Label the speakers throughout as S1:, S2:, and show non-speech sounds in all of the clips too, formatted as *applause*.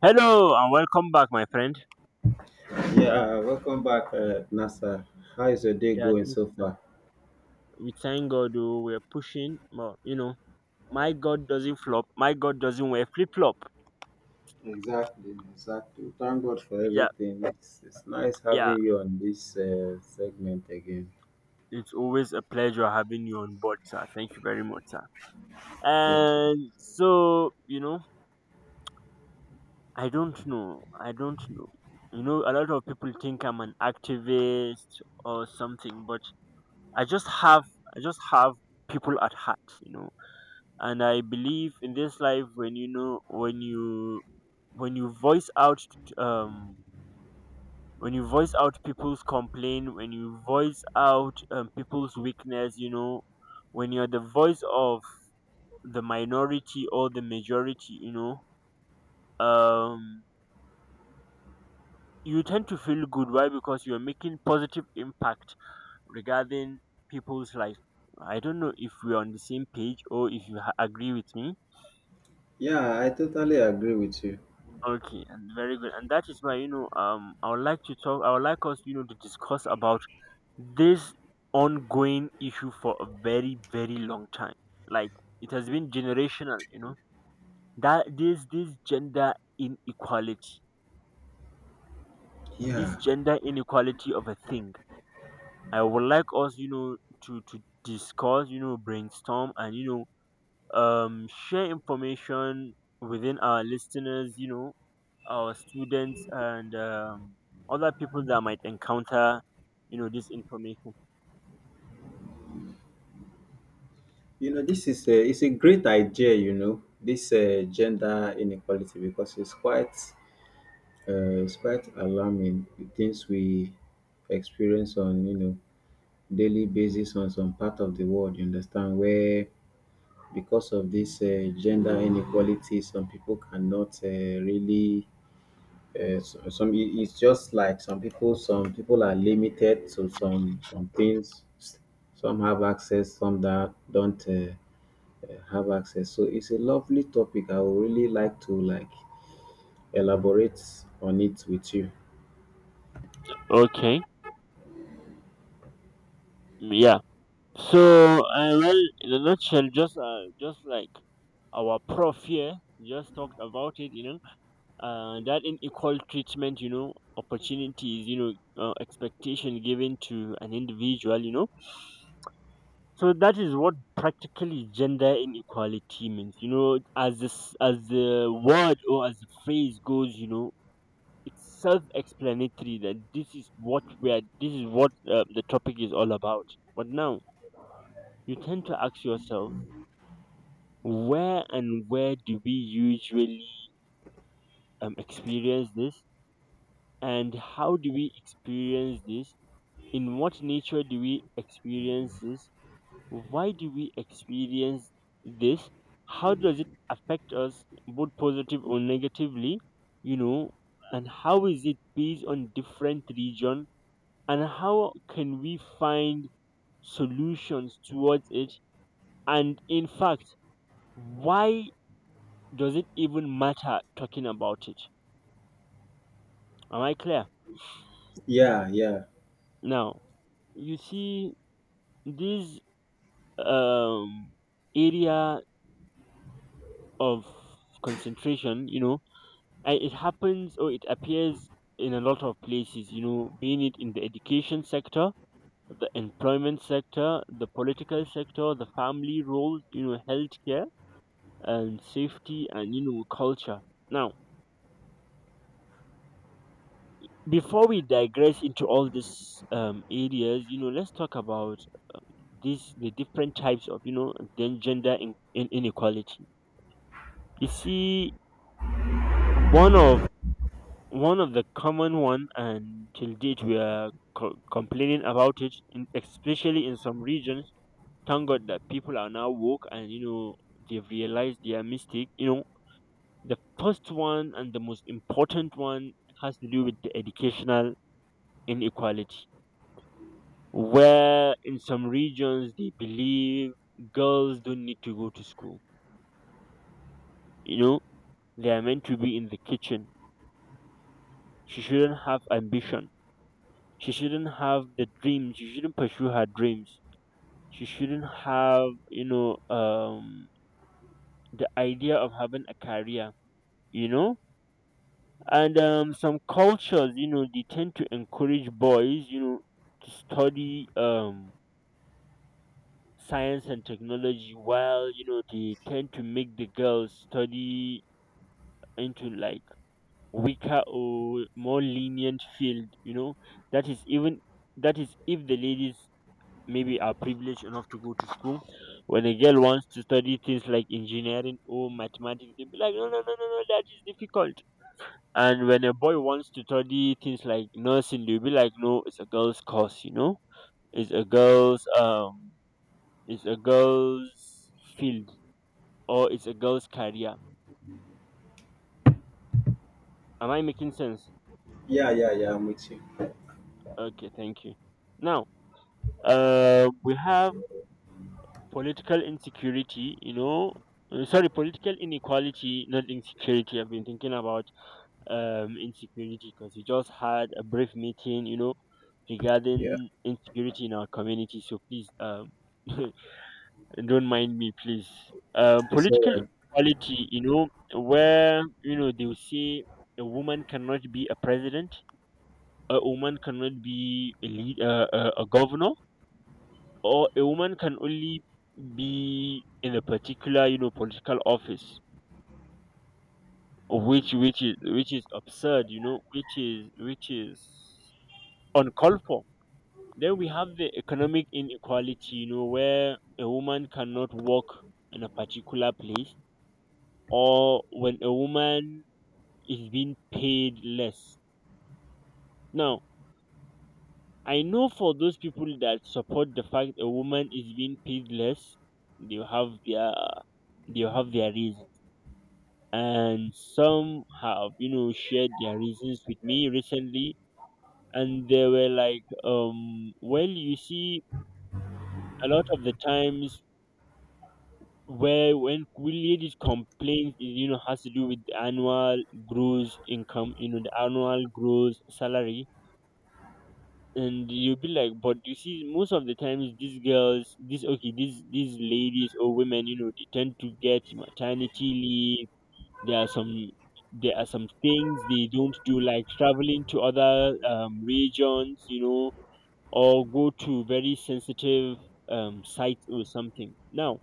S1: Hello and welcome back, my friend.
S2: Yeah, welcome back, NASA. How is your day
S1: Yeah,
S2: going
S1: thank
S2: so
S1: you, sir.
S2: far?
S1: We thank God, oh, we're pushing, but my God doesn't flop. My God doesn't wear flip flop.
S2: Exactly, exactly. Thank God for
S1: Yeah,
S2: everything. It's nice
S1: yeah.
S2: having you on this segment again.
S1: It's always a pleasure having you on board, sir. Thank you very much, sir.
S2: Thank you.
S1: And so, you know, I don't know. I don't know. A lot of people think I'm an activist or something, but I just have, I just have people at heart. And I believe in this life when when you voice out um when you voice out people's complaint, when you voice out people's weakness, when you're the voice of the minority or the majority, um you tend to feel good. Why? Because you're making positive impact regarding people's life. I don't know if we're on the same page, or if you agree with me.
S2: Yeah, I totally agree with you.
S1: Okay, and very good. And that is why, I would like us, to discuss about this ongoing issue for a very, very long time. Like it has been generational. That this gender inequality. This
S2: Yeah,
S1: gender inequality of a thing. I would like us, to discuss, brainstorm and share information within our listeners, our students and other people that might encounter this information.
S2: you know this is a it's a great idea. You know this gender inequality because it's quite alarming the things we experience on, you know, daily basis on some part of the world. You understand? Where because of this gender inequality, some people cannot really. So- some it- it's just like some people. Some people are limited to some things. Some have access, some that don't have access. So it's a lovely topic. I would really like to like elaborate on it with you.
S1: Okay. Mm, yeah, so well, in a nutshell, just like our prof here just talked about it. That unequal treatment, opportunities, expectation given to an individual. So that is what practically gender inequality means, as this, as the word or as the phrase goes. It's self-explanatory that this is what we are, this is what the topic is all about. But now, you tend to ask yourself: where and where do we usually experience this? And how do we experience this? In what nature do we experience this? Why do we experience this? How does it affect us, both positive or negatively you know? And how is it based on different region? And how can we find solutions towards it? And in fact, why does it even matter talking about it? Am I clear?
S2: Yeah, yeah,
S1: Now, you see, this um area of concentration, it happens or it appears in a lot of places, being it in the education sector, the employment sector, the political sector, the family role, healthcare and safety, and culture. Now, before we digress into all these areas, let's talk about this, the different types of, then gender in inequality. You see, one of one of the common one, and till date we are complaining about it, especially in some regions. Thank God that people are now woke and they've realized their mistake. The first one and the most important one has to do with the educational inequality, where in some regions they believe girls don't need to go to school. you know they are meant to be in the kitchen. She shouldn't have ambition, she shouldn't have the dreams, she shouldn't pursue her dreams, she shouldn't have the idea of having a career you know and some cultures, they tend to encourage boys, to study science and technology, while they tend to make the girls study into like weaker or more lenient field. that is even that is if the ladies maybe are privileged enough to go to school. When a girl wants to study things like engineering or mathematics, they'll be like, no, no, no, no, no, that is difficult. And when a boy wants to study things like nursing, they'll be like, no, it's a girl's course. It's a girl's um it's a girl's field, or it's a girl's career. Am I making sense?
S2: yeah, yeah, yeah. I'm with you.
S1: Okay, thank you. Now, we have political insecurity, sorry, political inequality, not insecurity. I've been thinking about insecurity because we just had a brief meeting,
S2: Yeah,
S1: regarding insecurity in our community. So please, *laughs* don't mind me, please. Um,
S2: it's all
S1: political
S2: right.
S1: inequality, where, they will say a woman cannot be a president, a woman cannot be a a governor, or a woman can only be in a particular, political office, which is absurd, which is uncalled for. Then we have the economic inequality, where a woman cannot work in a particular place, or when a woman is being paid less. Now, I know for those people that support the fact a woman is being paid less, they have their they have their reasons, and some have shared their reasons with me recently, and they were like, well, you see, a lot of the times where when ladies complain is has to do with the annual gross income, the annual gross salary. And you'll be like, but you see, most of the times these girls, these ladies or women, they tend to get maternity leave. there are some there are some things they don't do, like traveling to other regions, or go to very sensitive sites or something. Now,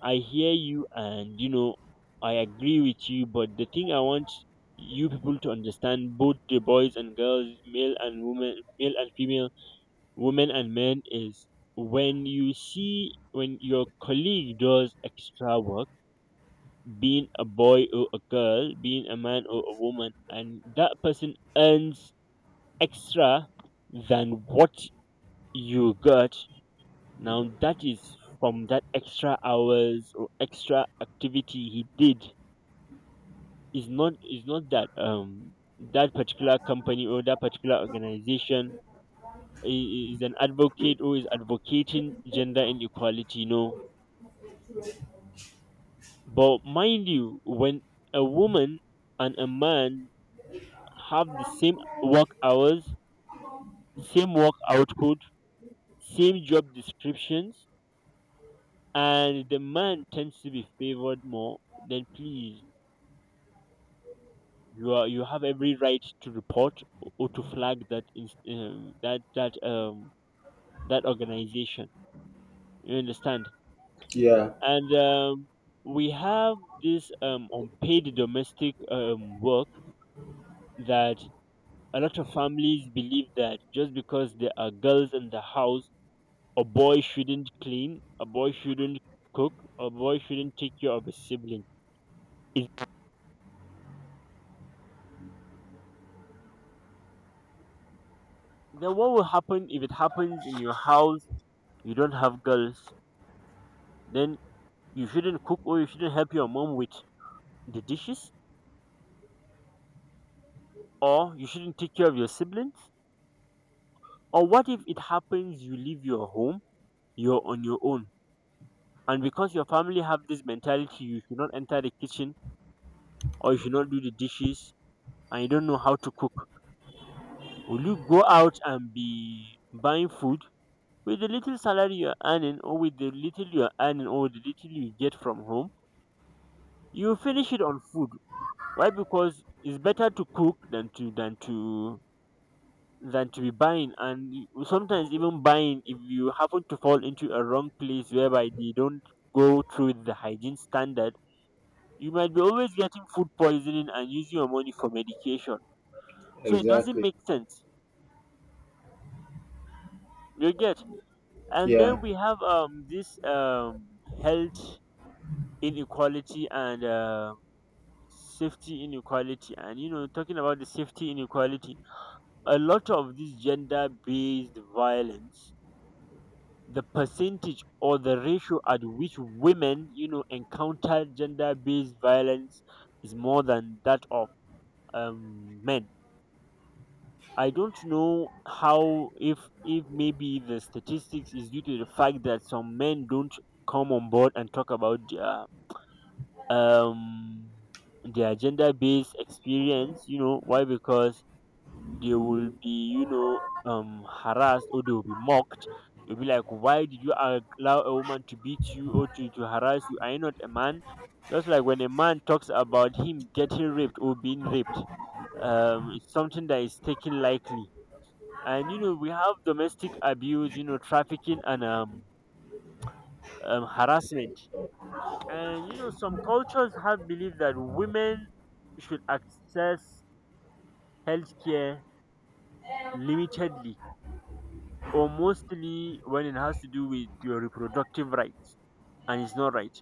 S1: I hear you, and I agree with you. But the thing I want you people to understand, both the boys and girls, male and women, male and female, women and men, is when you see when your colleague does extra work, being a boy or a girl, being a man or a woman, and that person earns extra than what you got. Now, that is from that extra hours or extra activity he did, is not that that particular company or that particular organization is an advocate or is advocating gender inequality. No. But mind you, when a woman and a man have the same work hours, same work output, same job descriptions, and the man tends to be favored more, then please, you have every right to report or to flag that that organization. You understand?
S2: Yeah,
S1: And we have this unpaid domestic work that a lot of families believe that just because there are girls in the house, a boy shouldn't clean, a boy shouldn't cook, a boy shouldn't take care of a sibling. Is, then what will happen if it happens in your house? You don't have girls, then you shouldn't cook or you shouldn't help your mom with the dishes, or you shouldn't take care of your siblings. Or what if it happens you leave your home, you're on your own, and because your family have this mentality, you should not enter the kitchen or you should not do the dishes and you don't know how to cook, will you go out and be buying food with the little salary you're earning or with the little you're earning or the little you get from home? You finish it on food. Why? Because it's better to cook than to be buying. And sometimes even buying, if you happen to fall into a wrong place whereby they don't go through with the hygiene standard, you might be always getting food poisoning and using your money for medication. So it doesn't
S2: exactly.
S1: make sense. You get? And then
S2: Yeah,
S1: we have this health inequality and safety inequality. And talking about the safety inequality, a lot of this gender based violence, the percentage or the ratio at which women encounter gender based violence is more than that of men. I don't know how, if maybe the statistics is due to the fact that some men don't come on board and talk about um their gender based experience, why, because they will be, harassed, or they will be mocked. You'll be like, why did you allow a woman to beat you or to harass you? Are you not a man? Just like when a man talks about him getting raped or being raped, it's something that is taken lightly. And you know we have domestic abuse, you know, trafficking, and harassment. And you know some cultures have belief that women should access healthcare limitedly, or mostly when it has to do with your reproductive rights, and it's not right.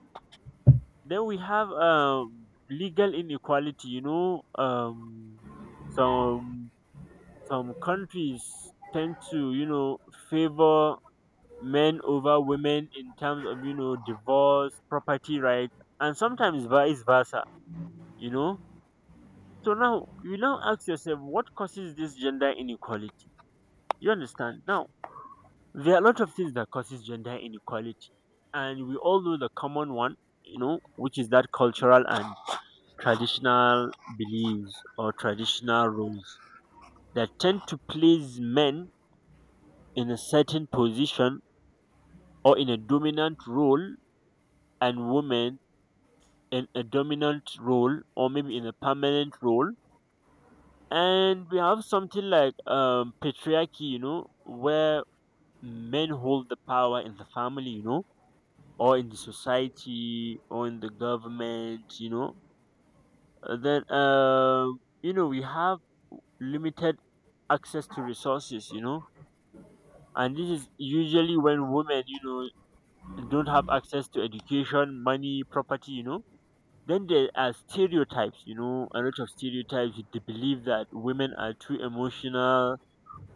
S1: Then we have legal inequality, you know, some some countries tend to, you know, favor men over women in terms of, you know, divorce, property rights, and sometimes vice versa, you know. So now you now ask yourself, what causes this gender inequality? You understand? Now, there are a lot of things that causes gender inequality, and we all know the common one, you know, which is that cultural and traditional beliefs or traditional roles that tend to place men in a certain position or in a dominant role, and women in a dominant role or maybe in a permanent role. And we have something like patriarchy, you know, where men hold the power in the family, you know, or in the society or in the government, you know. Then you know we have limited access to resources, you know. And this is usually when women, you know, don't have access to education, money, property, you know. Then there are stereotypes, you know, a lot of stereotypes with the belief that women are too emotional,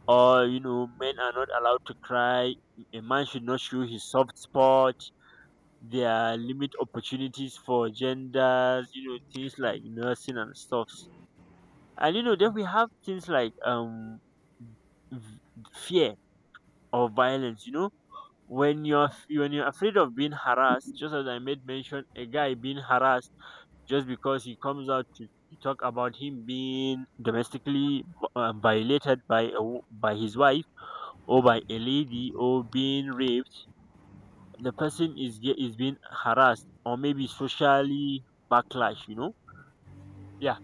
S1: or, you know, men are not allowed to cry. A man should not show his soft spot. There are limit opportunities for genders, you know, things like nursing and stuff. And, you know, then we have things like v- fear or violence, you know. When you're when you're afraid of being harassed, just as I made mention, a guy being harassed just because he comes out to talk about him being domestically violated by a, by his wife or by a lady, or being raped, the person is is being harassed, or maybe socially backlash, you know. Yeah.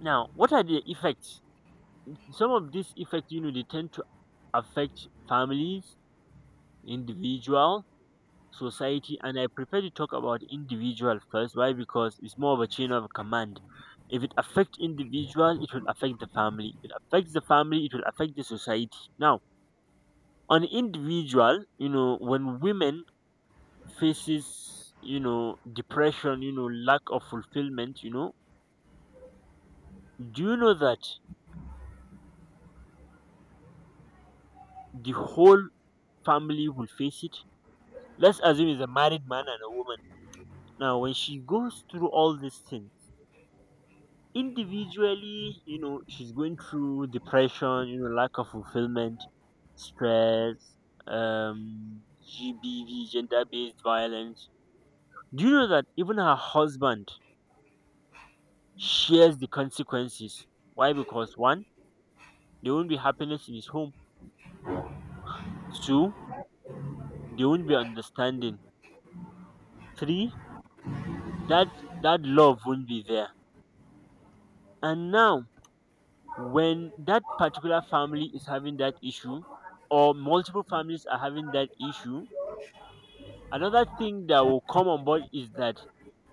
S1: Now, what are the effects? Some of these effects, you know, they tend to affect families, individuals, society. And I prefer to talk about individual first. Why? Because it's more of a chain of command. If it affects individual, it will affect the family. If it affects the family, it will affect the society. Now, on individual, you know, when women faces, you know, depression, you know, lack of fulfillment, you know, do you know that the whole family will face it? Let's assume it's a married man and a woman. Now when she goes through all these things individually, you know, she's going through depression, you know, lack of fulfillment, stress, um gbv, gender based violence, do you know that even her husband shares the consequences? Why? Because one, there won't be happiness in his home. Two, there won't be understanding. Three, that that love won't be there. And now, when that particular family is having that issue, or multiple families are having that issue, another thing that will come on board is that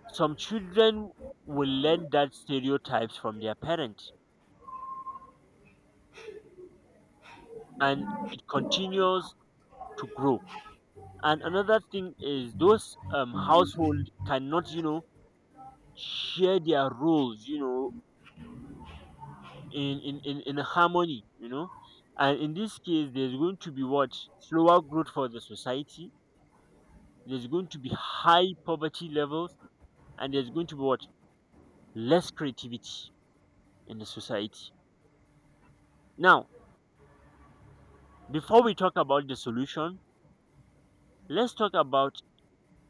S1: some children will learn that stereotypes from their parents, and it continues to grow. And another thing is, those household cannot, you know, share their roles, you know, in harmony, you know. And in this case, there's going to be what? Slower growth for the society. There's going to be high poverty levels, and there's going to be what? Less creativity in the society. Now, before we talk about the solution, let's talk about,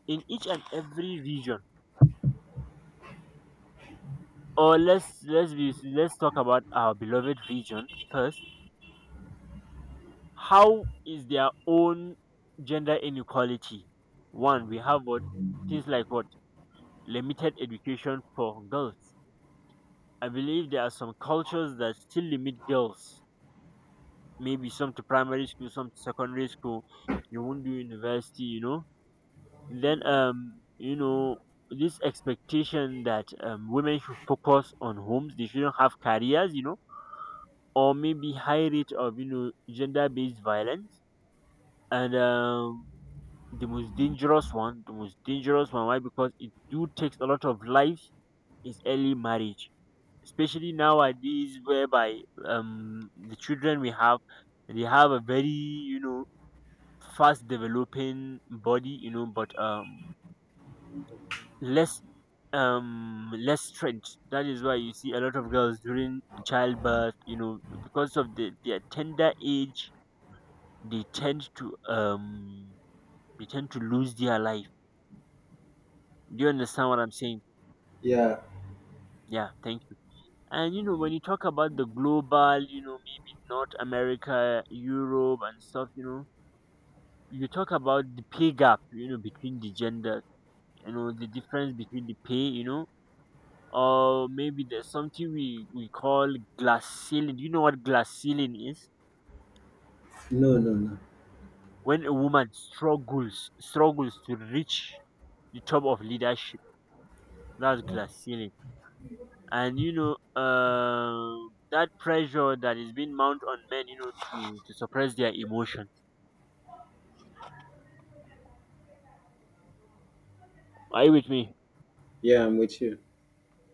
S1: in each and every region, or let's talk about our beloved region first. How is their own gender inequality? One, we have what? Things like what? Limited education for girls. I believe there are some cultures that still limit girls. Maybe some to primary school, some to secondary school. You won't do university, you know. Then you know this expectation that women should focus on homes, they shouldn't have careers, you know, or maybe high rate of, you know, gender based violence, and the most dangerous one, the most dangerous one. Why? Because it do takes a lot of lives, is early marriage, especially nowadays whereby the children we have, they have a very, you know, fast developing body, you know, but less less strength. That is why you see a lot of girls during childbirth, you know, because of the, their tender age, they tend to um they tend to lose their life. Do you understand what I'm saying?
S2: yeah.
S1: Yeah, thank you. And you know when you talk about the global, you know, maybe North America, Europe, and stuff, you know, you talk about the pay gap, you know, between the gender, you know, the difference between the pay, you know. Or maybe there's something we call glass ceiling. Do you know what glass ceiling is?
S2: No, no, no.
S1: When a woman struggles to reach the top of leadership, that's
S2: Wow.
S1: glass ceiling. And you know, that pressure that is being mounted on men, you know, to suppress their emotions. Are you with me?
S2: Yeah, I'm with you.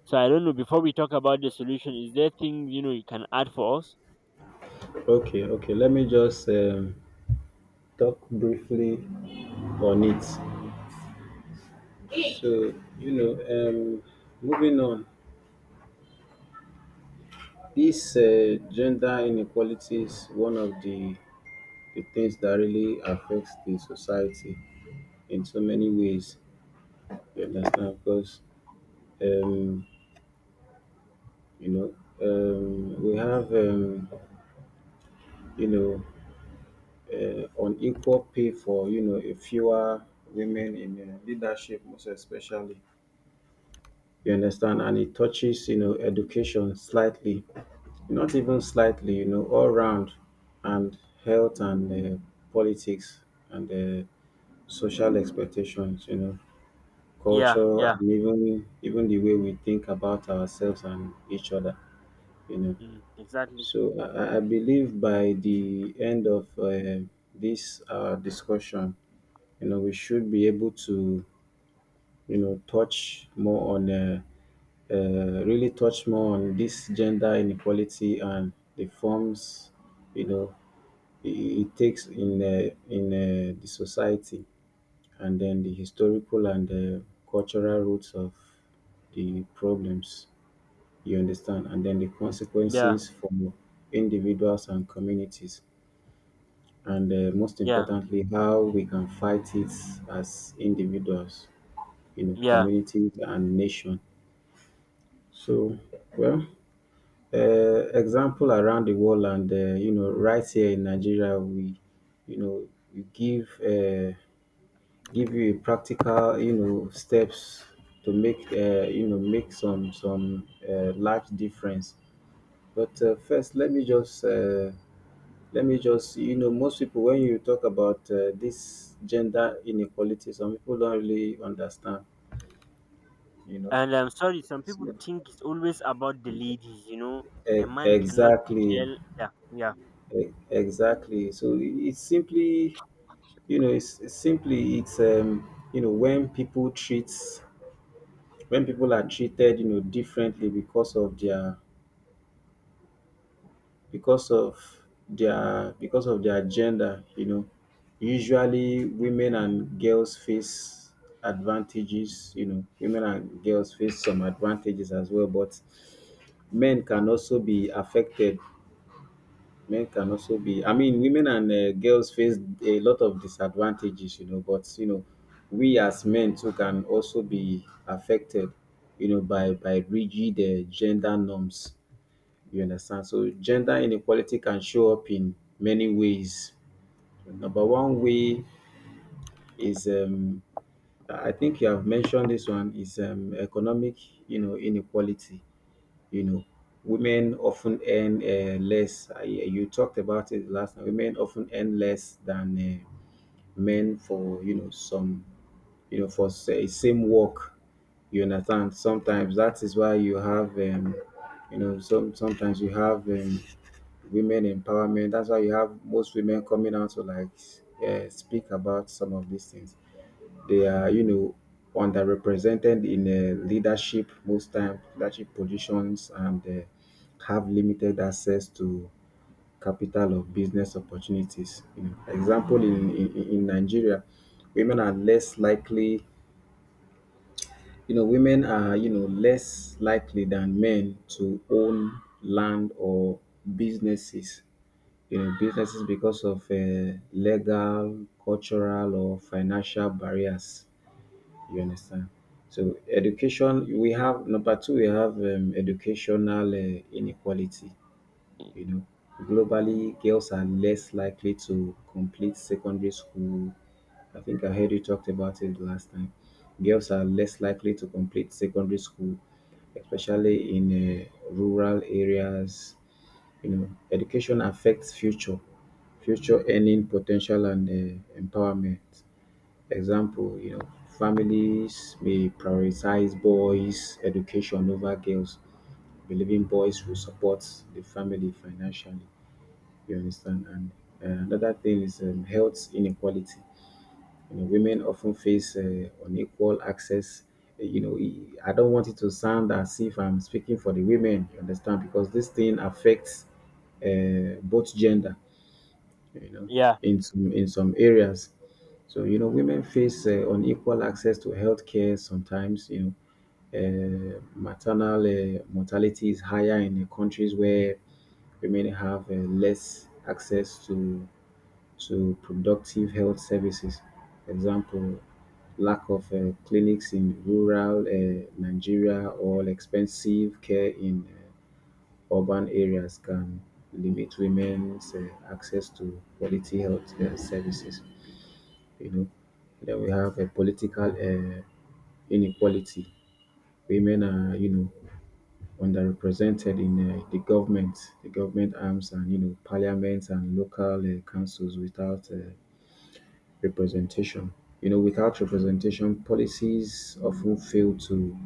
S1: So I don't know. Before we talk about the solution, is there things you know you can add for us?
S2: Okay, okay. Let me just talk briefly on it. So, you know, moving on, this gender inequality is one of the things that really affects the society in so many ways. You understand? Because, um, you know, we have, you know, unequal pay for, you know, a fewer women in leadership, most especially. You understand? And it touches, you know, education slightly, not even slightly, you know, all round, and health and politics and social expectations, you know,
S1: Yeah,
S2: culture
S1: yeah,
S2: and even the way we think about ourselves and each other, you know.
S1: mm, exactly.
S2: So I believe by the end of this discussion, you know, we should be able to, you know, touch more on really touch more on this gender inequality and the forms, you know, it takes in the society, and then the historical and cultural roots of the problems, you understand, and then the
S1: Yeah,
S2: consequences for individuals and communities, and most
S1: yeah,
S2: importantly how we can fight it as individuals, you know,
S1: yeah.
S2: communities and nation. So, well, example around the world and, you know, right here in Nigeria we, you know, we give you a practical, you know, steps to make you know, make some large difference. But first let me just you know, most people when you talk about this gender inequality, some people don't really understand, you know.
S1: And I'm sorry, some people
S2: So,
S1: think it's always about the ladies, you know. A man cannot be
S2: exactly,
S1: gel. Yeah, yeah,
S2: exactly. So it's simply. You know, it's simply it's, you know, when people treat, when people are treated, you know, differently because of their because of because of their gender. You know, usually women and girls face advantages. You know, women and girls face some advantages as well, but men can also be affected. Men can also be I mean, women and girls face a lot of disadvantages, you know, but, you know, we as men too can also be affected, you know, by rigid gender norms. You understand? So gender inequality can show up in many ways. Number one way is I think you have mentioned this one, is economic, you know, inequality. You know, women often earn less. I, you talked about it last time. Women often earn less than men for, you know, some, you know, for say, same work. You understand? Sometimes that is why you have, you know, some, sometimes you have women empowerment. That's why you have most women coming out to like speak about some of these things. They are, you know, underrepresented in leadership most time, leadership positions, and have limited access to capital or business opportunities. You know, example, in Nigeria, women are less likely. You know, women are, you know, less likely than men to own land or businesses. You know, businesses because of legal, cultural, or financial barriers. You understand? So education, we have number two, we have educational inequality. You know, globally, girls are less likely to complete secondary school. I think I heard you talked about it last time. Girls are less likely to complete secondary school, especially in uh, rural areas. You know, education affects future earning potential and empowerment. Example, you know, families may prioritize boys' education over girls, believing boys will support the family financially. You understand? And another thing is, health inequality. You know, women often face unequal access. You know, I don't want it to sound as if I'm speaking for the women. You understand? Because this thing affects both gender, you know,
S1: yeah.
S2: in some areas. So, you know, women face unequal access to healthcare sometimes, you know, maternal mortality is higher in the countries where women have less access to productive health services. For example, lack of clinics in rural Nigeria or expensive care in urban areas can limit women's access to quality health services, you know. Then we have a political inequality. Women are, you know, underrepresented in the government arms, and, you know, parliaments and local councils without representation. You know, without representation, policies often fail to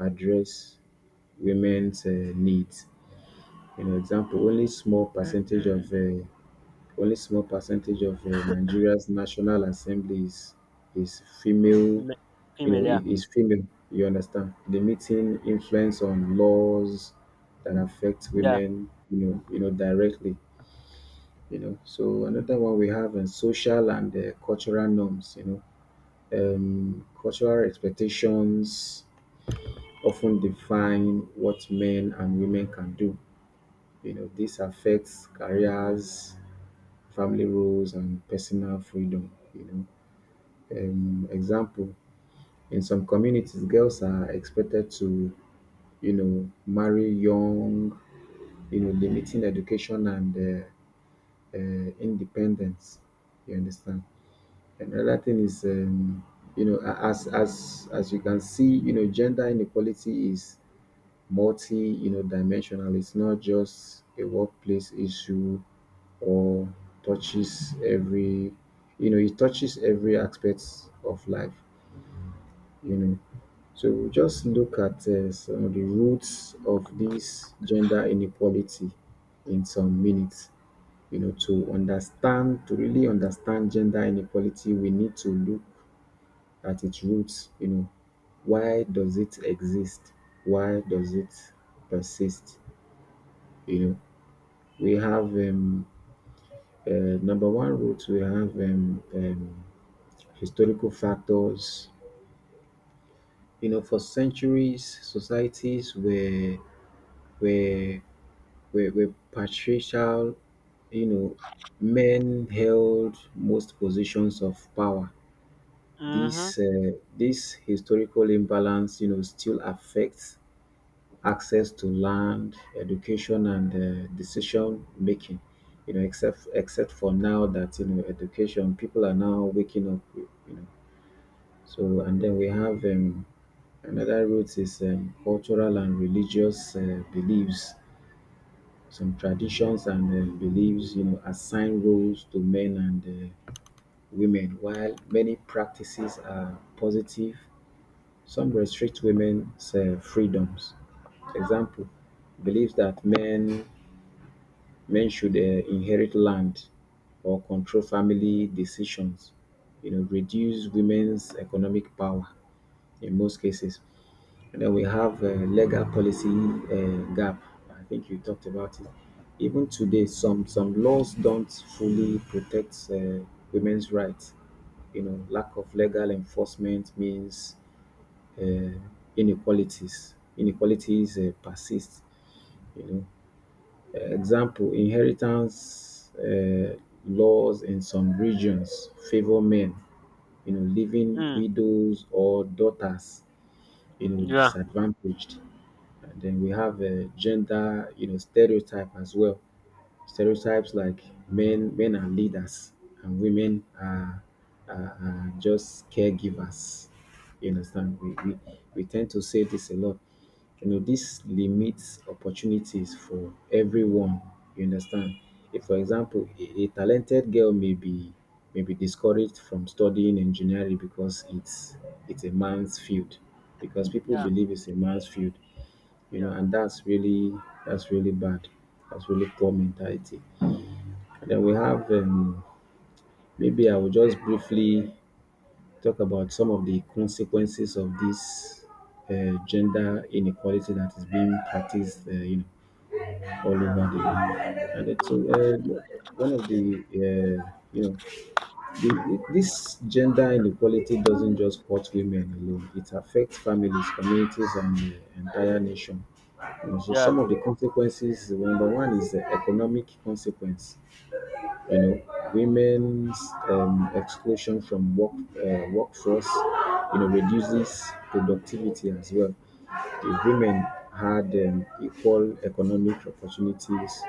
S2: address women's needs. You know, example, only small percentage of
S1: *clears throat*
S2: Nigeria's National Assembly is female.
S1: Ma- *laughs*
S2: You
S1: Female,
S2: know,
S1: yeah,
S2: it is female. You understand? Limiting influence on laws that affect
S1: yeah.
S2: women, you know, you know, directly. You know. So another one we have in social and cultural norms. You know, cultural expectations often define what men and women can do. You know, this affects careers, family roles, and personal freedom. You know, example, in some communities, girls are expected to, you know, marry young, you know, limiting education and independence. You understand? Another thing is, you know, as you can see, you know, gender inequality is multi, you know, dimensional. It's not just a workplace issue, or touches every, you know, it touches every aspect of life. You know. So we'll just look at some of the roots of this gender inequality in some minutes. You know, to understand, to really understand gender inequality, we need to look at its roots. You know, why does it exist? Why does it persist? You know, we have uh, number one root. We have historical factors. You know, for centuries, societies were where patriarchal, you know, men held most positions of power.
S1: Mm-hmm.
S2: This historical imbalance, you know, still affects access to land, education, and decision making. You know, except for now that, you know, education, people are now waking up. You know, so, and then we have, another root is cultural and religious beliefs. Some traditions and beliefs, you know, assign roles to men and women, while many practices are positive. Some restrict women's freedoms. Example: beliefs that men should inherit land or control family decisions, you know, reduce women's economic power in most cases. And then we have legal policy gap. I think you talked about it. Even today, some laws don't fully protect women's rights. You know, lack of legal enforcement means uh, Inequalities persist. You know, example: inheritance laws in some regions favor men. You know, leaving
S1: Mm.
S2: widows or daughters, you know,
S1: Yeah.
S2: disadvantaged. And then we have gender, you know, stereotype as well. Stereotypes like men are leaders and women are, just caregivers. You understand? We tend to say this a lot. You know, this limits opportunities for everyone. You understand? If, for example, a talented girl may be discouraged from studying engineering because it's a man's field, because people
S1: Yeah,
S2: believe it's a man's field, you know,
S1: yeah,
S2: and that's really, that's really bad. That's really poor mentality. And then we have, maybe I will just briefly talk about some of the consequences of this gender inequality that is being practiced, you know, all over the world. And it's one of the you know The, this gender inequality doesn't just hurt women alone. It affects families, communities, and the entire nation. You know, so
S1: yeah, yeah,
S2: some of the consequences, number one, is the economic consequence. uh, Women's exclusion from workforce, you know, reduces productivity as well. If women had equal economic opportunities,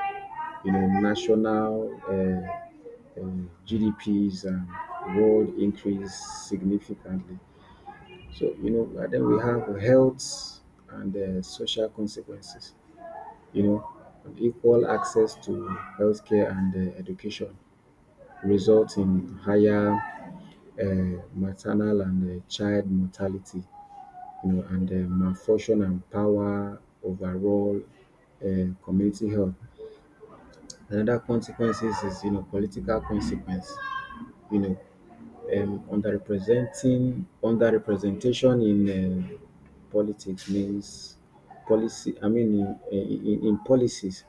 S2: you know, national GDPs and world increase significantly. So, you know, and then we have health and social consequences, you know, and equal access to healthcare and education result in higher maternal and child mortality, you know, and malfunction and power overall community health. Another consequences is, political consequence, you know, underrepresentation in politics means in policies,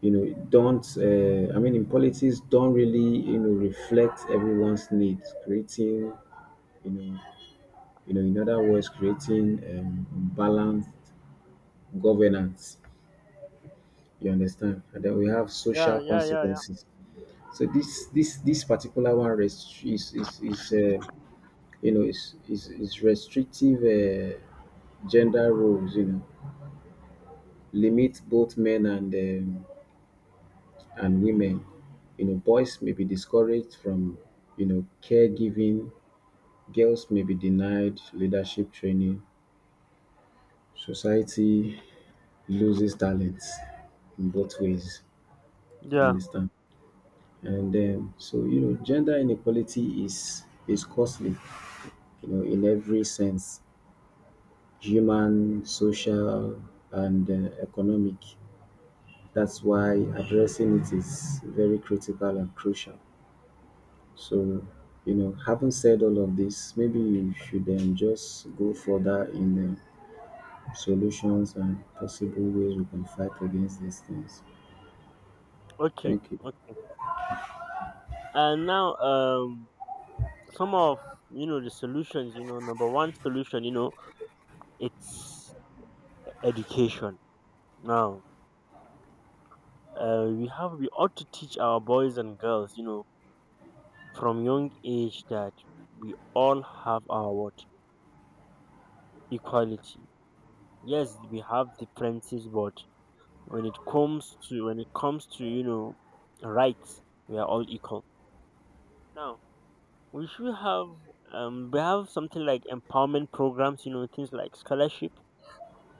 S2: you know, don't, I mean, in politics, don't really, reflect everyone's needs, creating you know, in other words, creating balanced governance. You understand? And then we have
S1: yeah,
S2: social
S1: yeah, yeah, yeah.
S2: consequences. So this particular one rest- is you know is restrictive gender roles. You know, limit both men and women. You know, boys may be discouraged from caregiving. Girls may be denied leadership training. Society loses talents in both ways. You
S1: Yeah.
S2: understand? And so You know, gender inequality is costly. You know, in every sense, human, social, and economic. That's why addressing it is very critical and crucial. So you know, having said all of this, maybe you should just go further in the solutions and possible ways we can fight against these things.
S1: Okay,
S2: Thank you.
S1: okay. And now, some of, you know, the solutions. You know, number one solution, you know, it's education. Now, we have, we ought to teach our boys and girls, you know, from young age, that we all have our what? Equality. Yes, we have differences, but when it comes to you know rights, we are all equal. Now we should have we have something like empowerment programs, you know, things like scholarship,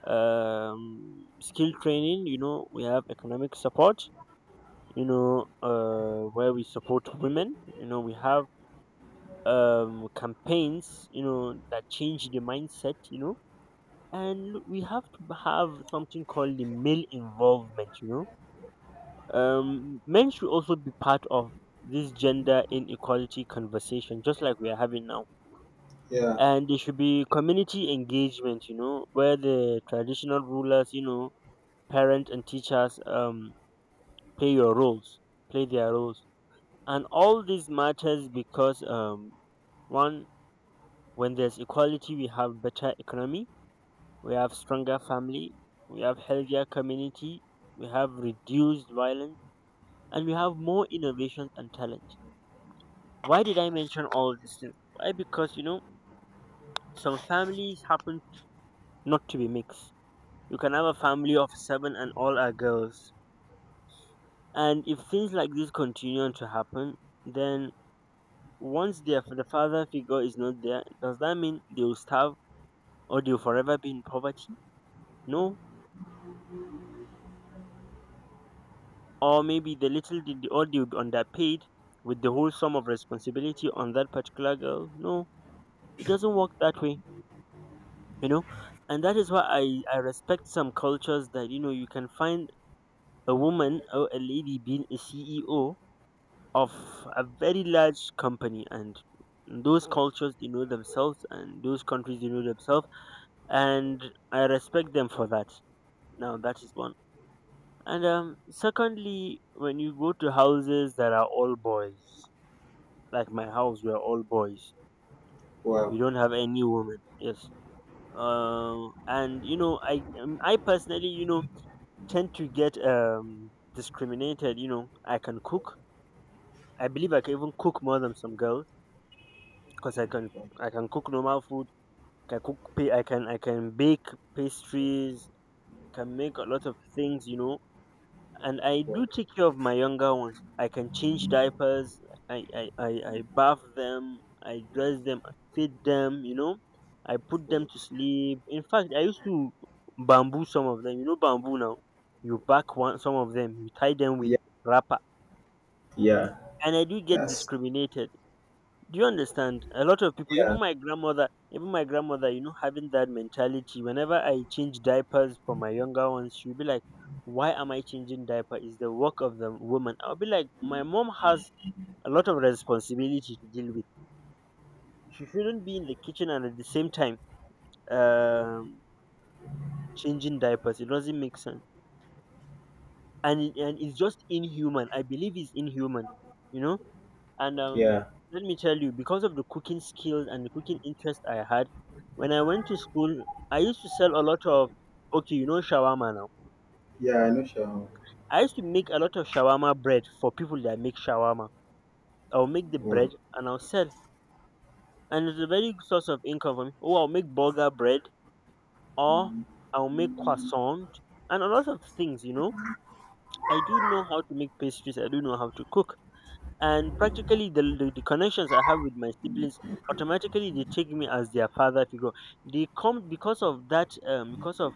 S1: skill training. You know we have economic support, you know, where we support women. You know we have campaigns, you know, that change the mindset, you know. And we have to have something called the male involvement, you know, men should also be part of this gender inequality conversation, just like we are having now. And there should be community engagement, you know, where the traditional rulers, you know, parents and teachers, play your roles play their roles. And all this matters because, one, when there's equality, we have better economy, we have stronger family, we have healthier community, we have reduced violence, and we have more innovations and talent. Why did I mention all these things? Why? Because, you know, some families happen not to be mixed. You can have a family of seven and all are girls. And if things like this continue on to happen, then once their the father figure is not there, does that mean they will starve or they will forever be in poverty? No. Or maybe the little did the audio underpaid with the whole sum of responsibility on that particular girl. No, it doesn't work that way, you know. And that is why I respect some cultures that, you know, you can find a woman or a lady being a CEO of a very large company. And those cultures, they know themselves, and those countries, they know themselves, and I respect them for that. Now that is one. And secondly, when you go to houses that are all boys, like my house, we're all boys, we don't have any women, yes. And you know I personally, you know, tend to get discriminated. You know I can cook. I believe I can even cook more than some girls, because I can, I can cook normal food, I can I can bake pastries, can make a lot of things, you know. And I do take care of my younger ones. I can change diapers. I bath them. I dress them. I feed them. You know, I put them to sleep. In fact, I used to bamboo some of them. You know, bamboo now. You back one some of them. You tie them with
S2: Yeah.
S1: wrapper,
S2: Yeah.
S1: and I do get
S2: That's
S1: discriminated. Do you understand? A lot of people,
S2: Yeah,
S1: even my grandmother, you know, having that mentality. Whenever I change diapers for my younger ones, she'll be like, "Why am I changing diaper? It's the work of the woman." I'll be like, "My mom has a lot of responsibility to deal with. She shouldn't be in the kitchen and at the same time, um, changing diapers. It doesn't make sense, and it, and it's just inhuman. I believe it's inhuman. You know." And
S2: yeah,
S1: let me tell you, because of the cooking skills and the cooking interest I had, when I went to school, I used to sell a lot of, okay, you know, shawarma now.
S2: yeah, I know, Sharon.
S1: I used to make a lot of shawarma bread for people that make shawarma. I'll make the bread
S2: Wow.
S1: and I'll sell. And it's a very good source of income for me. Or I'll make burger bread, or I'll make croissant, and a lot of things, you know. I do know how to make pastries. I do know how to cook. And practically the connections I have with my siblings, automatically they take me as their father figure. They come because of that because of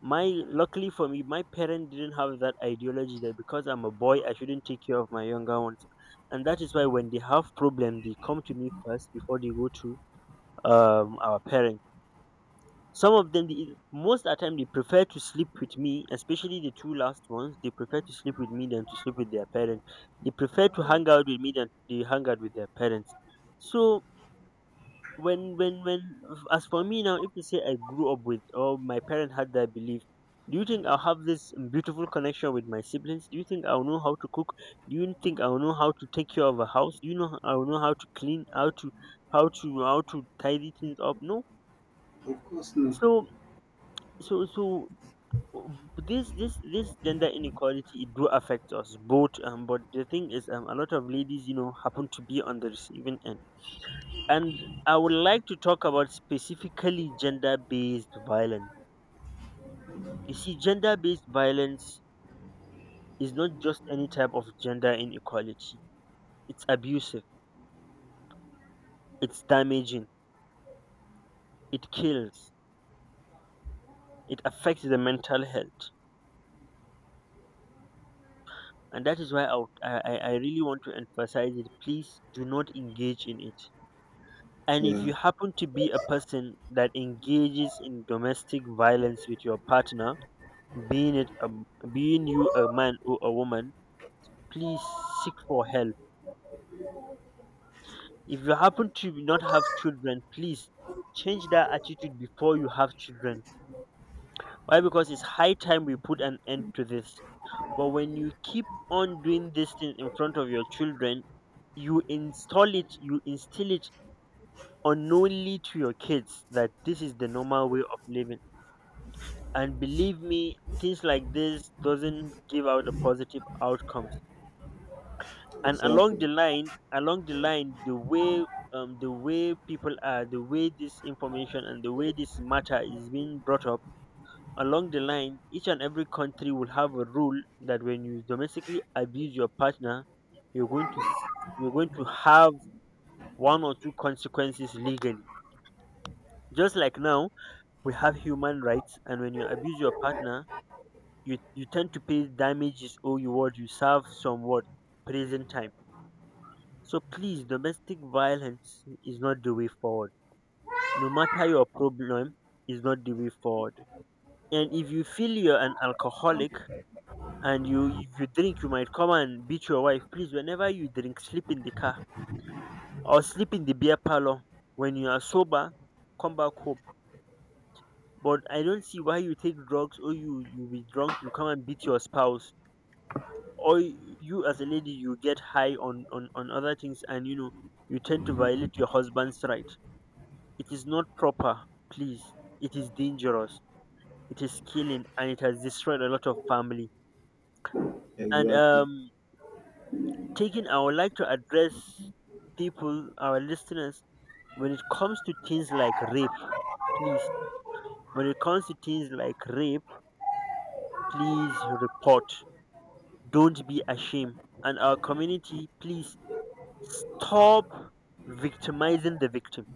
S1: my Luckily for me, my parents didn't have that ideology that because I'm a boy I shouldn't take care of my younger ones. And that is why when they have problem they come to me first before they go to our parents. Some of them most of the time they prefer to sleep with me, especially the two last ones. They prefer to sleep with me than to sleep with their parents. They prefer to hang out with me than they hang out with their parents. So, when as for me now, if you say I grew up with or my parent had that belief, do you think I'll have this beautiful connection with my siblings? Do you think I'll know how to cook? Do you think I'll know how to take care of a house? Do you know I'll know how to clean, how to, how to tidy things up? No.
S2: Of course not.
S1: So so so this gender inequality, it do affect us both, um, but the thing is, um, a lot of ladies, you know, happen to be on the receiving end. And I would like to talk about specifically gender based violence. You see, gender based violence is not just any type of gender inequality. It's abusive, it's damaging, it kills, it affects the mental health. And that is why I, would- I really want to emphasize it. Please do not engage in it. And if
S2: Yeah,
S1: you happen to be a person that engages in domestic violence with your partner, being it a, being you a man or a woman, please seek for help. If you happen to not have children, please change that attitude before you have children. Why? Because it's high time we put an end to this. But when you keep on doing these things in front of your children, you install it, you instill it unknowingly to your kids that this is the normal way of living. And believe me, things like this doesn't give out the positive outcomes. And along the
S2: exactly,
S1: line, the way, the way people are, the way this information and the way this matter is being brought up, along the line each and every country will have a rule that when you domestically abuse your partner, you're going to s- you're going to have one or two consequences legally. Just like now, we have human rights, and when you abuse your partner, you tend to pay damages or you what, you serve some what, prison time. So please, domestic violence is not the way forward. No matter your problem, is not the way forward. And if you feel you're an alcoholic and you if you drink, you might come and beat your wife. Please, whenever you drink, sleep in the car or sleep in the beer parlor. When you are sober, come back home. But I don't see why you take drugs or you be drunk, you come and beat your spouse. or y- you as a lady, you get high on other things, and you know, you tend to violate your husband's right. It is not proper, please. It is dangerous, it is killing, and it has destroyed a lot of family. And
S2: exactly,
S1: taking I would like to address people, our listeners, when it comes to things like rape, please, when it comes to things like rape, please report, don't be ashamed. And our community, please, stop victimizing the victim.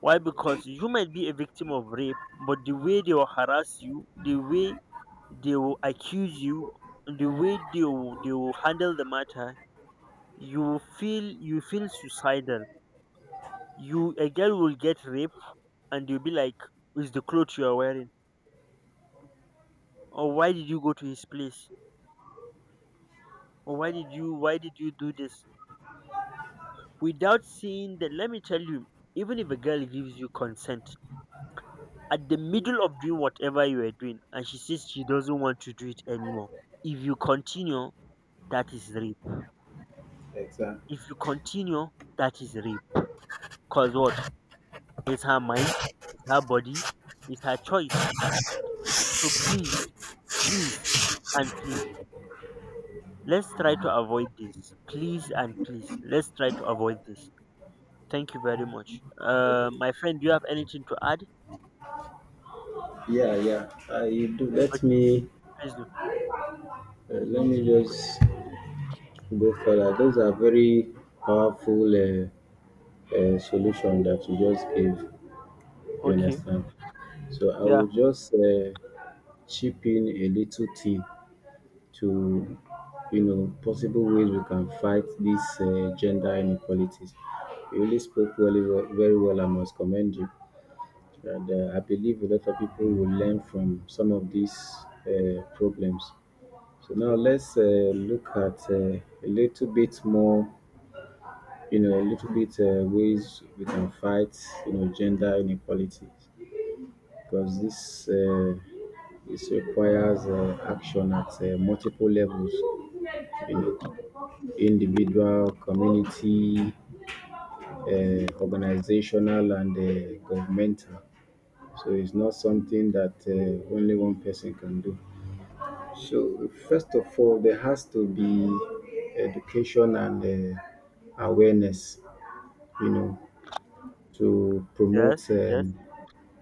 S1: Why? Because you might be a victim of rape, but the way they will harass you, the way they will accuse you, the way they will handle the matter, you will feel, you feel suicidal. You, a girl, will get raped and you'll be like, "Is the clothes you are wearing? Or why did you go to his place? Or why did you do this?" Without seeing that, let me tell you, even if a girl gives you consent, at the middle of doing whatever you were doing and she says she doesn't want to do it anymore. If you continue, that is rape.
S2: exactly.
S1: If you continue, that is rape. Cause what? It's her mind, it's her body, it's her choice. So please, please, and please, let's try to avoid this. Please and please, let's try to avoid this. Thank you very much. My friend, do you have anything to add?
S2: Yeah, yeah. You do.
S1: Okay, please do.
S2: Let me just go further. Those are very powerful solution that you just gave. You
S1: Okay.
S2: understand? So I
S1: Yeah.
S2: will just chip in a little tip to you know possible ways we can fight these gender inequalities. You really spoke really well, very well. I must commend you. And I believe a lot of people will learn from some of these problems. So now let's look at a little bit more. You know, a little bit ways we can fight. You know, gender inequalities because this requires action at multiple levels. You know, individual, community, organizational, and governmental. So it's not something that only one person can do. So first of all, there has to be education and awareness, you know, to promote,
S1: Yes. Yes.
S2: um,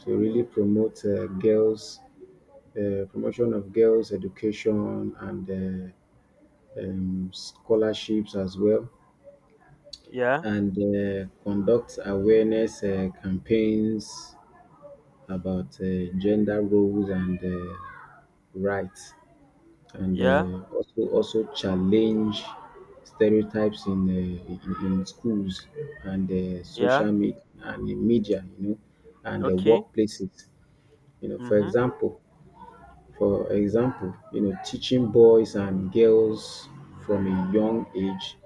S2: to really promote promotion of girls' education and scholarships as well
S1: Yeah.
S2: and conduct awareness campaigns about gender roles and rights, and
S1: Yeah.
S2: also also challenge stereotypes in schools and
S1: Yeah.
S2: social media and in media, you know, and
S1: Okay.
S2: workplaces. You know,
S1: Mhm.
S2: for example, you know, teaching boys and girls from a young age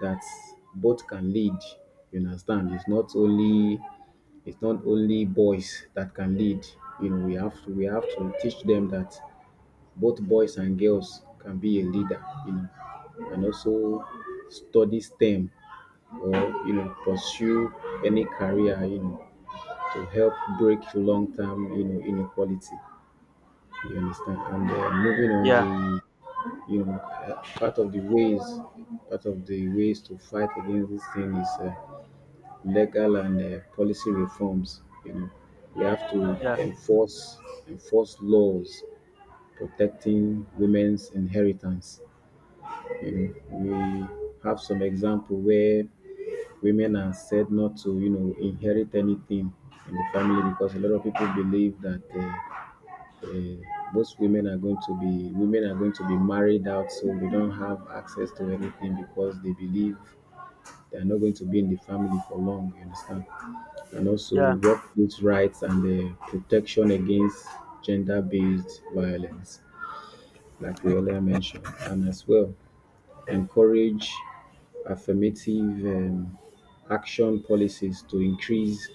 S2: that both can lead, you understand, it's not only boys that can lead. You know, we have to teach them that both boys and girls can be a leader. You know, and also study STEM or you know pursue any career. You know, to help break long term you know inequality. You understand? And moving
S1: Yeah,
S2: on, we you know part of the ways part of the ways to fight against this thing is legal and policy reforms. You know, we have to
S1: yeah,
S2: enforce laws protecting women's inheritance. You know, we have some example where women are said not to you know inherit anything in the family because a lot of people believe that. uh, Most women are going to be women are going to be married out, so they don't have access to anything because they believe they are not going to be in the family for long, you understand, and also
S1: yeah,
S2: workplace rights and the protection against gender-based violence, like we earlier mentioned, and as well encourage affirmative action policies to increase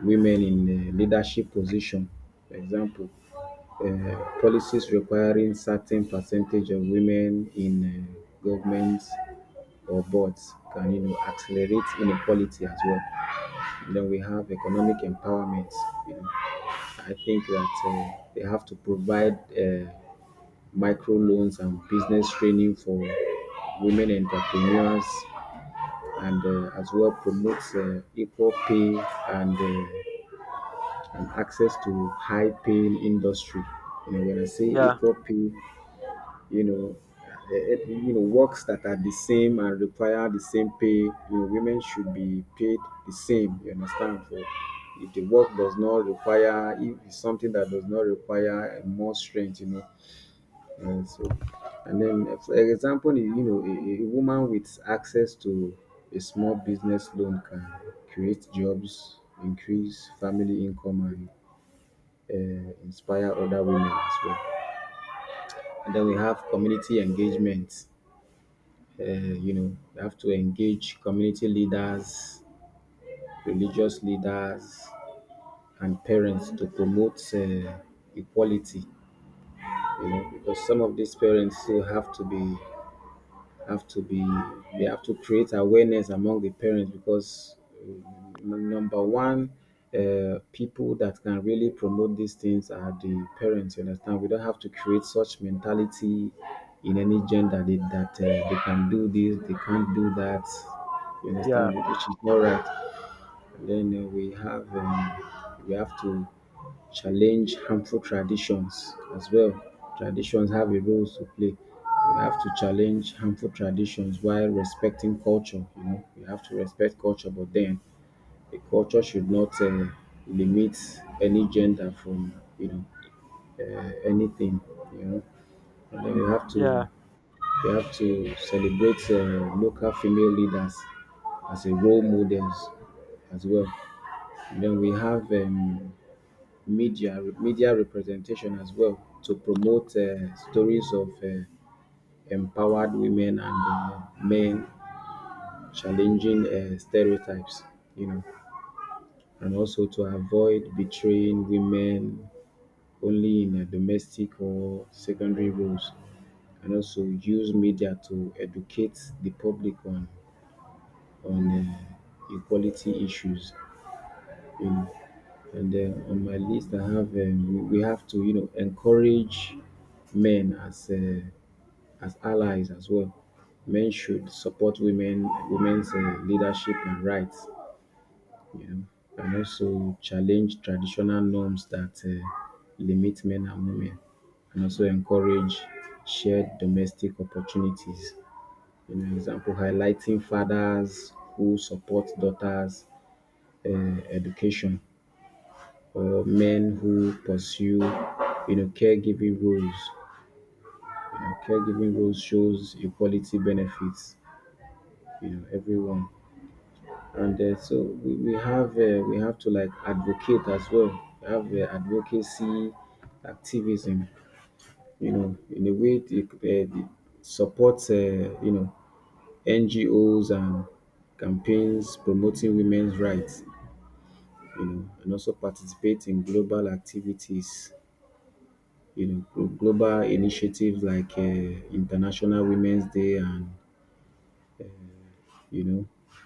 S2: women in leadership position. For example, policies requiring certain percentage of women in governments or boards can you know accelerate inequality as well. And then we have economic empowerment. You know, I think that they have to provide microloans and business training for women entrepreneurs and as well promotes equal pay and, uh, and access to high paying industry. You know, when I say
S1: yeah,
S2: equal pay, you know, you know, works that are the same and require the same pay. You know, women should be paid the same. You understand? For if the work does not require, if it's something that does not require more strength, you know. And for example, you know, a woman with access to a small business loan can create jobs, increase family income, and inspire other women as well. And then we have community engagement. You know, you have to engage community leaders, religious leaders, and parents to promote equality. You know, because some of these parents still have to be they have to create awareness among the parents because number one people that can really promote these things are the parents, you understand, we don't have to create such mentality in any gender that they can do this they can't do that, you
S1: yeah,
S2: understand, which is not right. Then we have to challenge harmful traditions as well. Traditions have a role to play. We have to challenge harmful traditions while respecting culture. You know, we have to respect culture, but then the culture should not limit any gender from you know anything. You know, and then
S1: yeah.
S2: we have to celebrate local female leaders as a role models as well. Then we have media representation as well to promote stories of empowered women and men challenging stereotypes, you know, and also to avoid betraying women only in domestic or secondary roles, and also use media to educate the public on on uh, equality issues, you know. And then on my list, I have we have to you know encourage men as allies as well. Men should support women's leadership and rights, you know, and also challenge traditional norms that limit men and women, and also encourage shared domestic opportunities. You know, example highlighting fathers who support daughters' education or men who pursue, you know, caregiving roles. You know, caregiving roles shows equality benefits, you know, everyone. And so we have to like advocate as well. We have advocacy activism, you know, in a way it supports, you know, NGOs and campaigns promoting women's rights, you know, and also participate in global activities, you know, global initiatives like International Women's Day and, you know,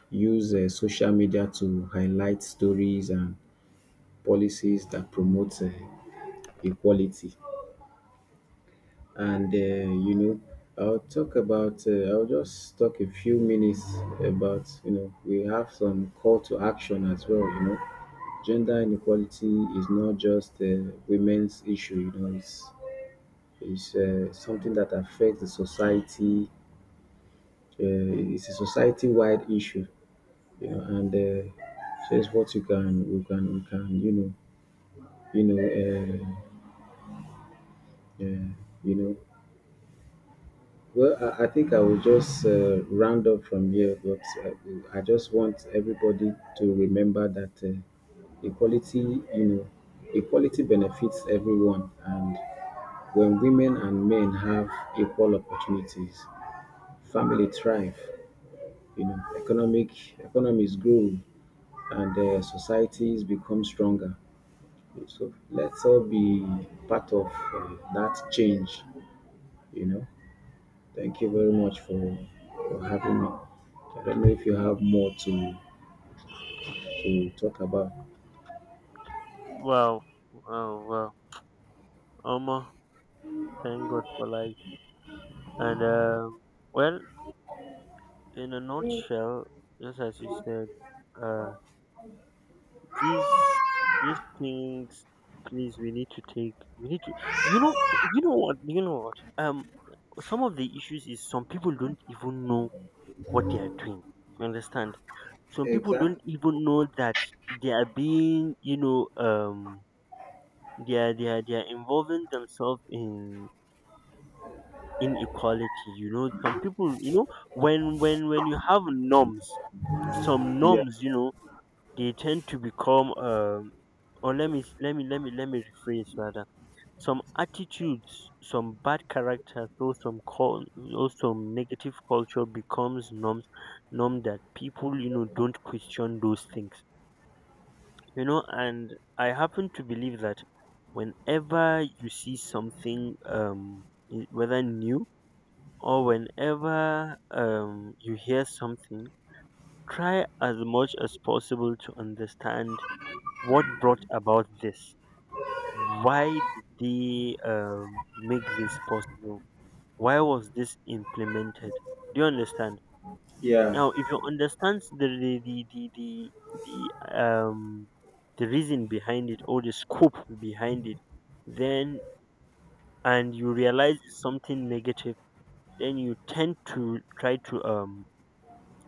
S2: use social media to highlight stories and policies that promote equality. And, you know, I'll talk about, I'll just talk a few minutes about, you know, we have some call to action as well, you know. Gender inequality is not just a women's issue, you know, it's something that affects the society. It's a society wide issue, you know, and so it's what you can we can we can you know you know uh, you know. Well, I think I will just round up from here. But I just want everybody to remember that equality, you know, equality benefits everyone, and when women and men have equal opportunities, family thrive, you know, economic economies grow, and societies become stronger. So let's all be part of that change, you know. Thank you very much for having me. I don't know if you have more to talk about.
S1: Wow, wow, wow. Almost thank God for life. And well, in a nutshell, just as you said, uh, these things, please, we need to take. We need to. You know, you know what, you know what. Um, some of the issues is some people don't even know what they are doing. You understand? Some people don't
S2: Exactly.
S1: even know that they are being, you know, they are involving themselves in inequality. You know, some people, you know, when you have norms, some
S2: Yeah.
S1: norms, you know, they tend to become, um, or let me rephrase rather, some attitudes, some bad character, so some call or some negative culture becomes norms, norm that people, you know, don't question those things, you know. And I happen to believe that whenever you see something, whether new, or whenever, you hear something, try as much as possible to understand what brought about this, why did they, make this possible, why was this implemented, do you understand?
S2: Yeah.
S1: Now, if you understand the the reason behind it or the scope behind it, then, and you realize it's something negative, then you tend to try to,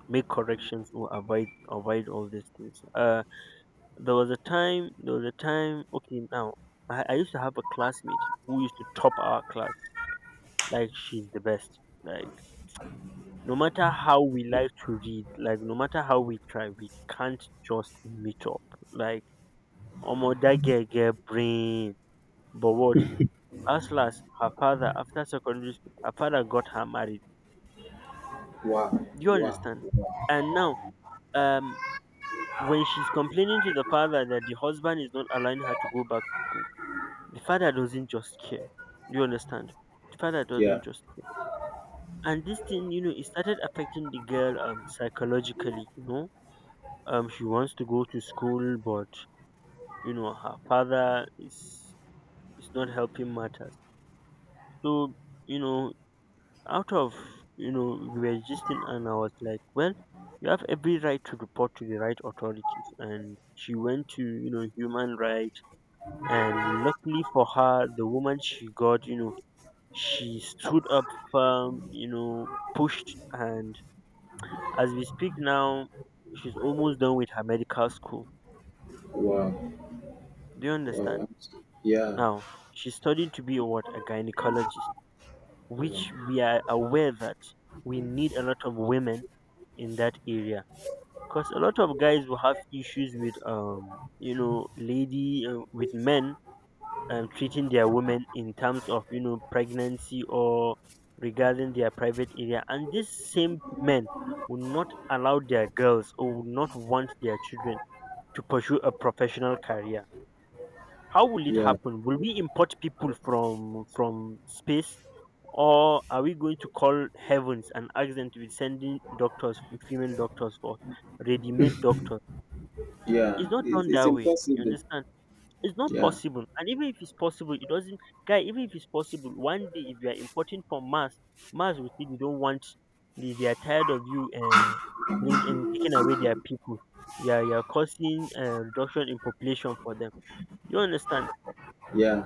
S1: make corrections or avoid all these things. There was a time. Okay, now I used to have a classmate who used to top our class, like she's the best, like no matter how we like to read, like no matter how we try, we can't just meet up. Like omo that girl get brain. But what? As last her father, after secondary school, her father got her married.
S2: Wow.
S1: Do you
S2: Wow.
S1: understand? And now, um when she's complaining to the father that the husband is not allowing her to go back to school, the father doesn't just care. Do you understand? The father
S2: Yeah.
S1: doesn't just care. And this thing, you know, it started affecting the girl, um, psychologically, you know, um, she wants to go to school, but you know her father is not helping matters. So, you know, out of, you know, we were gisting and I was like, well, you have every right to report to the right authorities. And she went to, you know, human rights, and luckily for her, the woman she got, you know, she stood up firm, you know, pushed, and as we speak now, she's almost done with her medical school.
S2: Wow.
S1: Do you understand?
S2: Wow. Yeah.
S1: Now, she's studying to be a what? A gynecologist, which
S2: Wow.
S1: we are aware that we need a lot of women in that area, because a lot of guys will have issues with, you know, lady, with men, treating their women in terms of, you know, pregnancy or regarding their private area. And these same men will not allow their girls or will not want their children to pursue a professional career. How will it
S2: Yeah.
S1: happen? Will we import people from space, or are we going to call heavens and ask them to be sending doctors, female doctors, for ready-made doctors? It's
S2: Yeah.
S1: not done
S2: It's
S1: that way. You
S2: impossible.
S1: understand? It's not
S2: Yeah.
S1: possible. And even if it's possible, it doesn't. Guy, even if it's possible, one day if you are importing from Mars, Mars will say they don't want. They are tired of you, bringing and taking away their people. Yeah, you are causing a reduction in population for them. You understand?
S2: Yeah.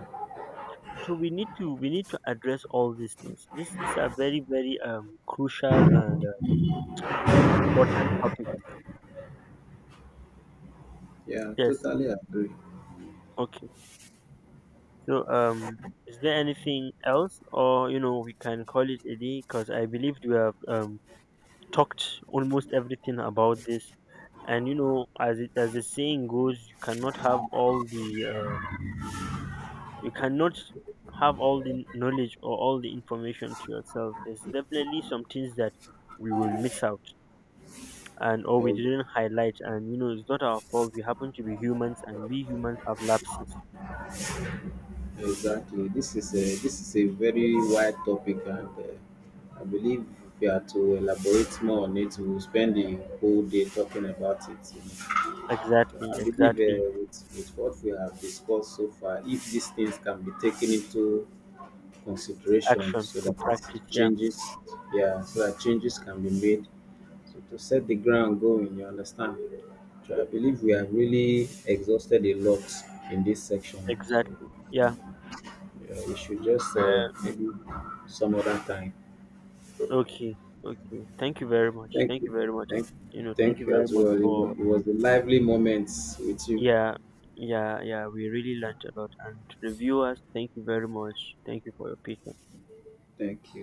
S1: So we need to address all these things. This these are very crucial and, important topics.
S2: Yeah.
S1: Yes.
S2: Totally agree.
S1: Okay. So, is there anything else, or you know, we can call it a day? Because I believe we have, talked almost everything about this. And you know, as it, as the saying goes, you cannot have all the, you cannot have all the knowledge or all the information to yourself. There's definitely some things that we will miss out, and or
S2: I
S1: we
S2: agree.
S1: didn't highlight. And you know, it's not our fault, we happen to be humans, and we humans have lapses.
S2: Exactly. This is a very wide topic, and I believe if we are to elaborate more on it, we will spend the whole day talking about it. You know.
S1: Exactly,
S2: I believe
S1: exactly.
S2: with what we have discussed so far, if these things can be taken into consideration,
S1: Action,
S2: so
S1: good
S2: that
S1: practice,
S2: it
S1: yeah.
S2: changes, yeah, so that changes can be made, so to set the ground going, you understand. So I believe we have really exhausted a lot in this section. So.
S1: Exactly, yeah.
S2: Yeah, we should just
S1: uh,
S2: maybe some other time.
S1: okay. Okay, thank you very much,
S2: Thank
S1: thank you
S2: you.
S1: very much.
S2: Thank,
S1: You know, thank
S2: thank
S1: you
S2: you
S1: very
S2: as
S1: much
S2: well.
S1: for,
S2: It was a lively moment with you.
S1: yeah, yeah, yeah, we really learned a lot. And to the viewers, thank you very much, thank you for your patience.
S2: Thank you.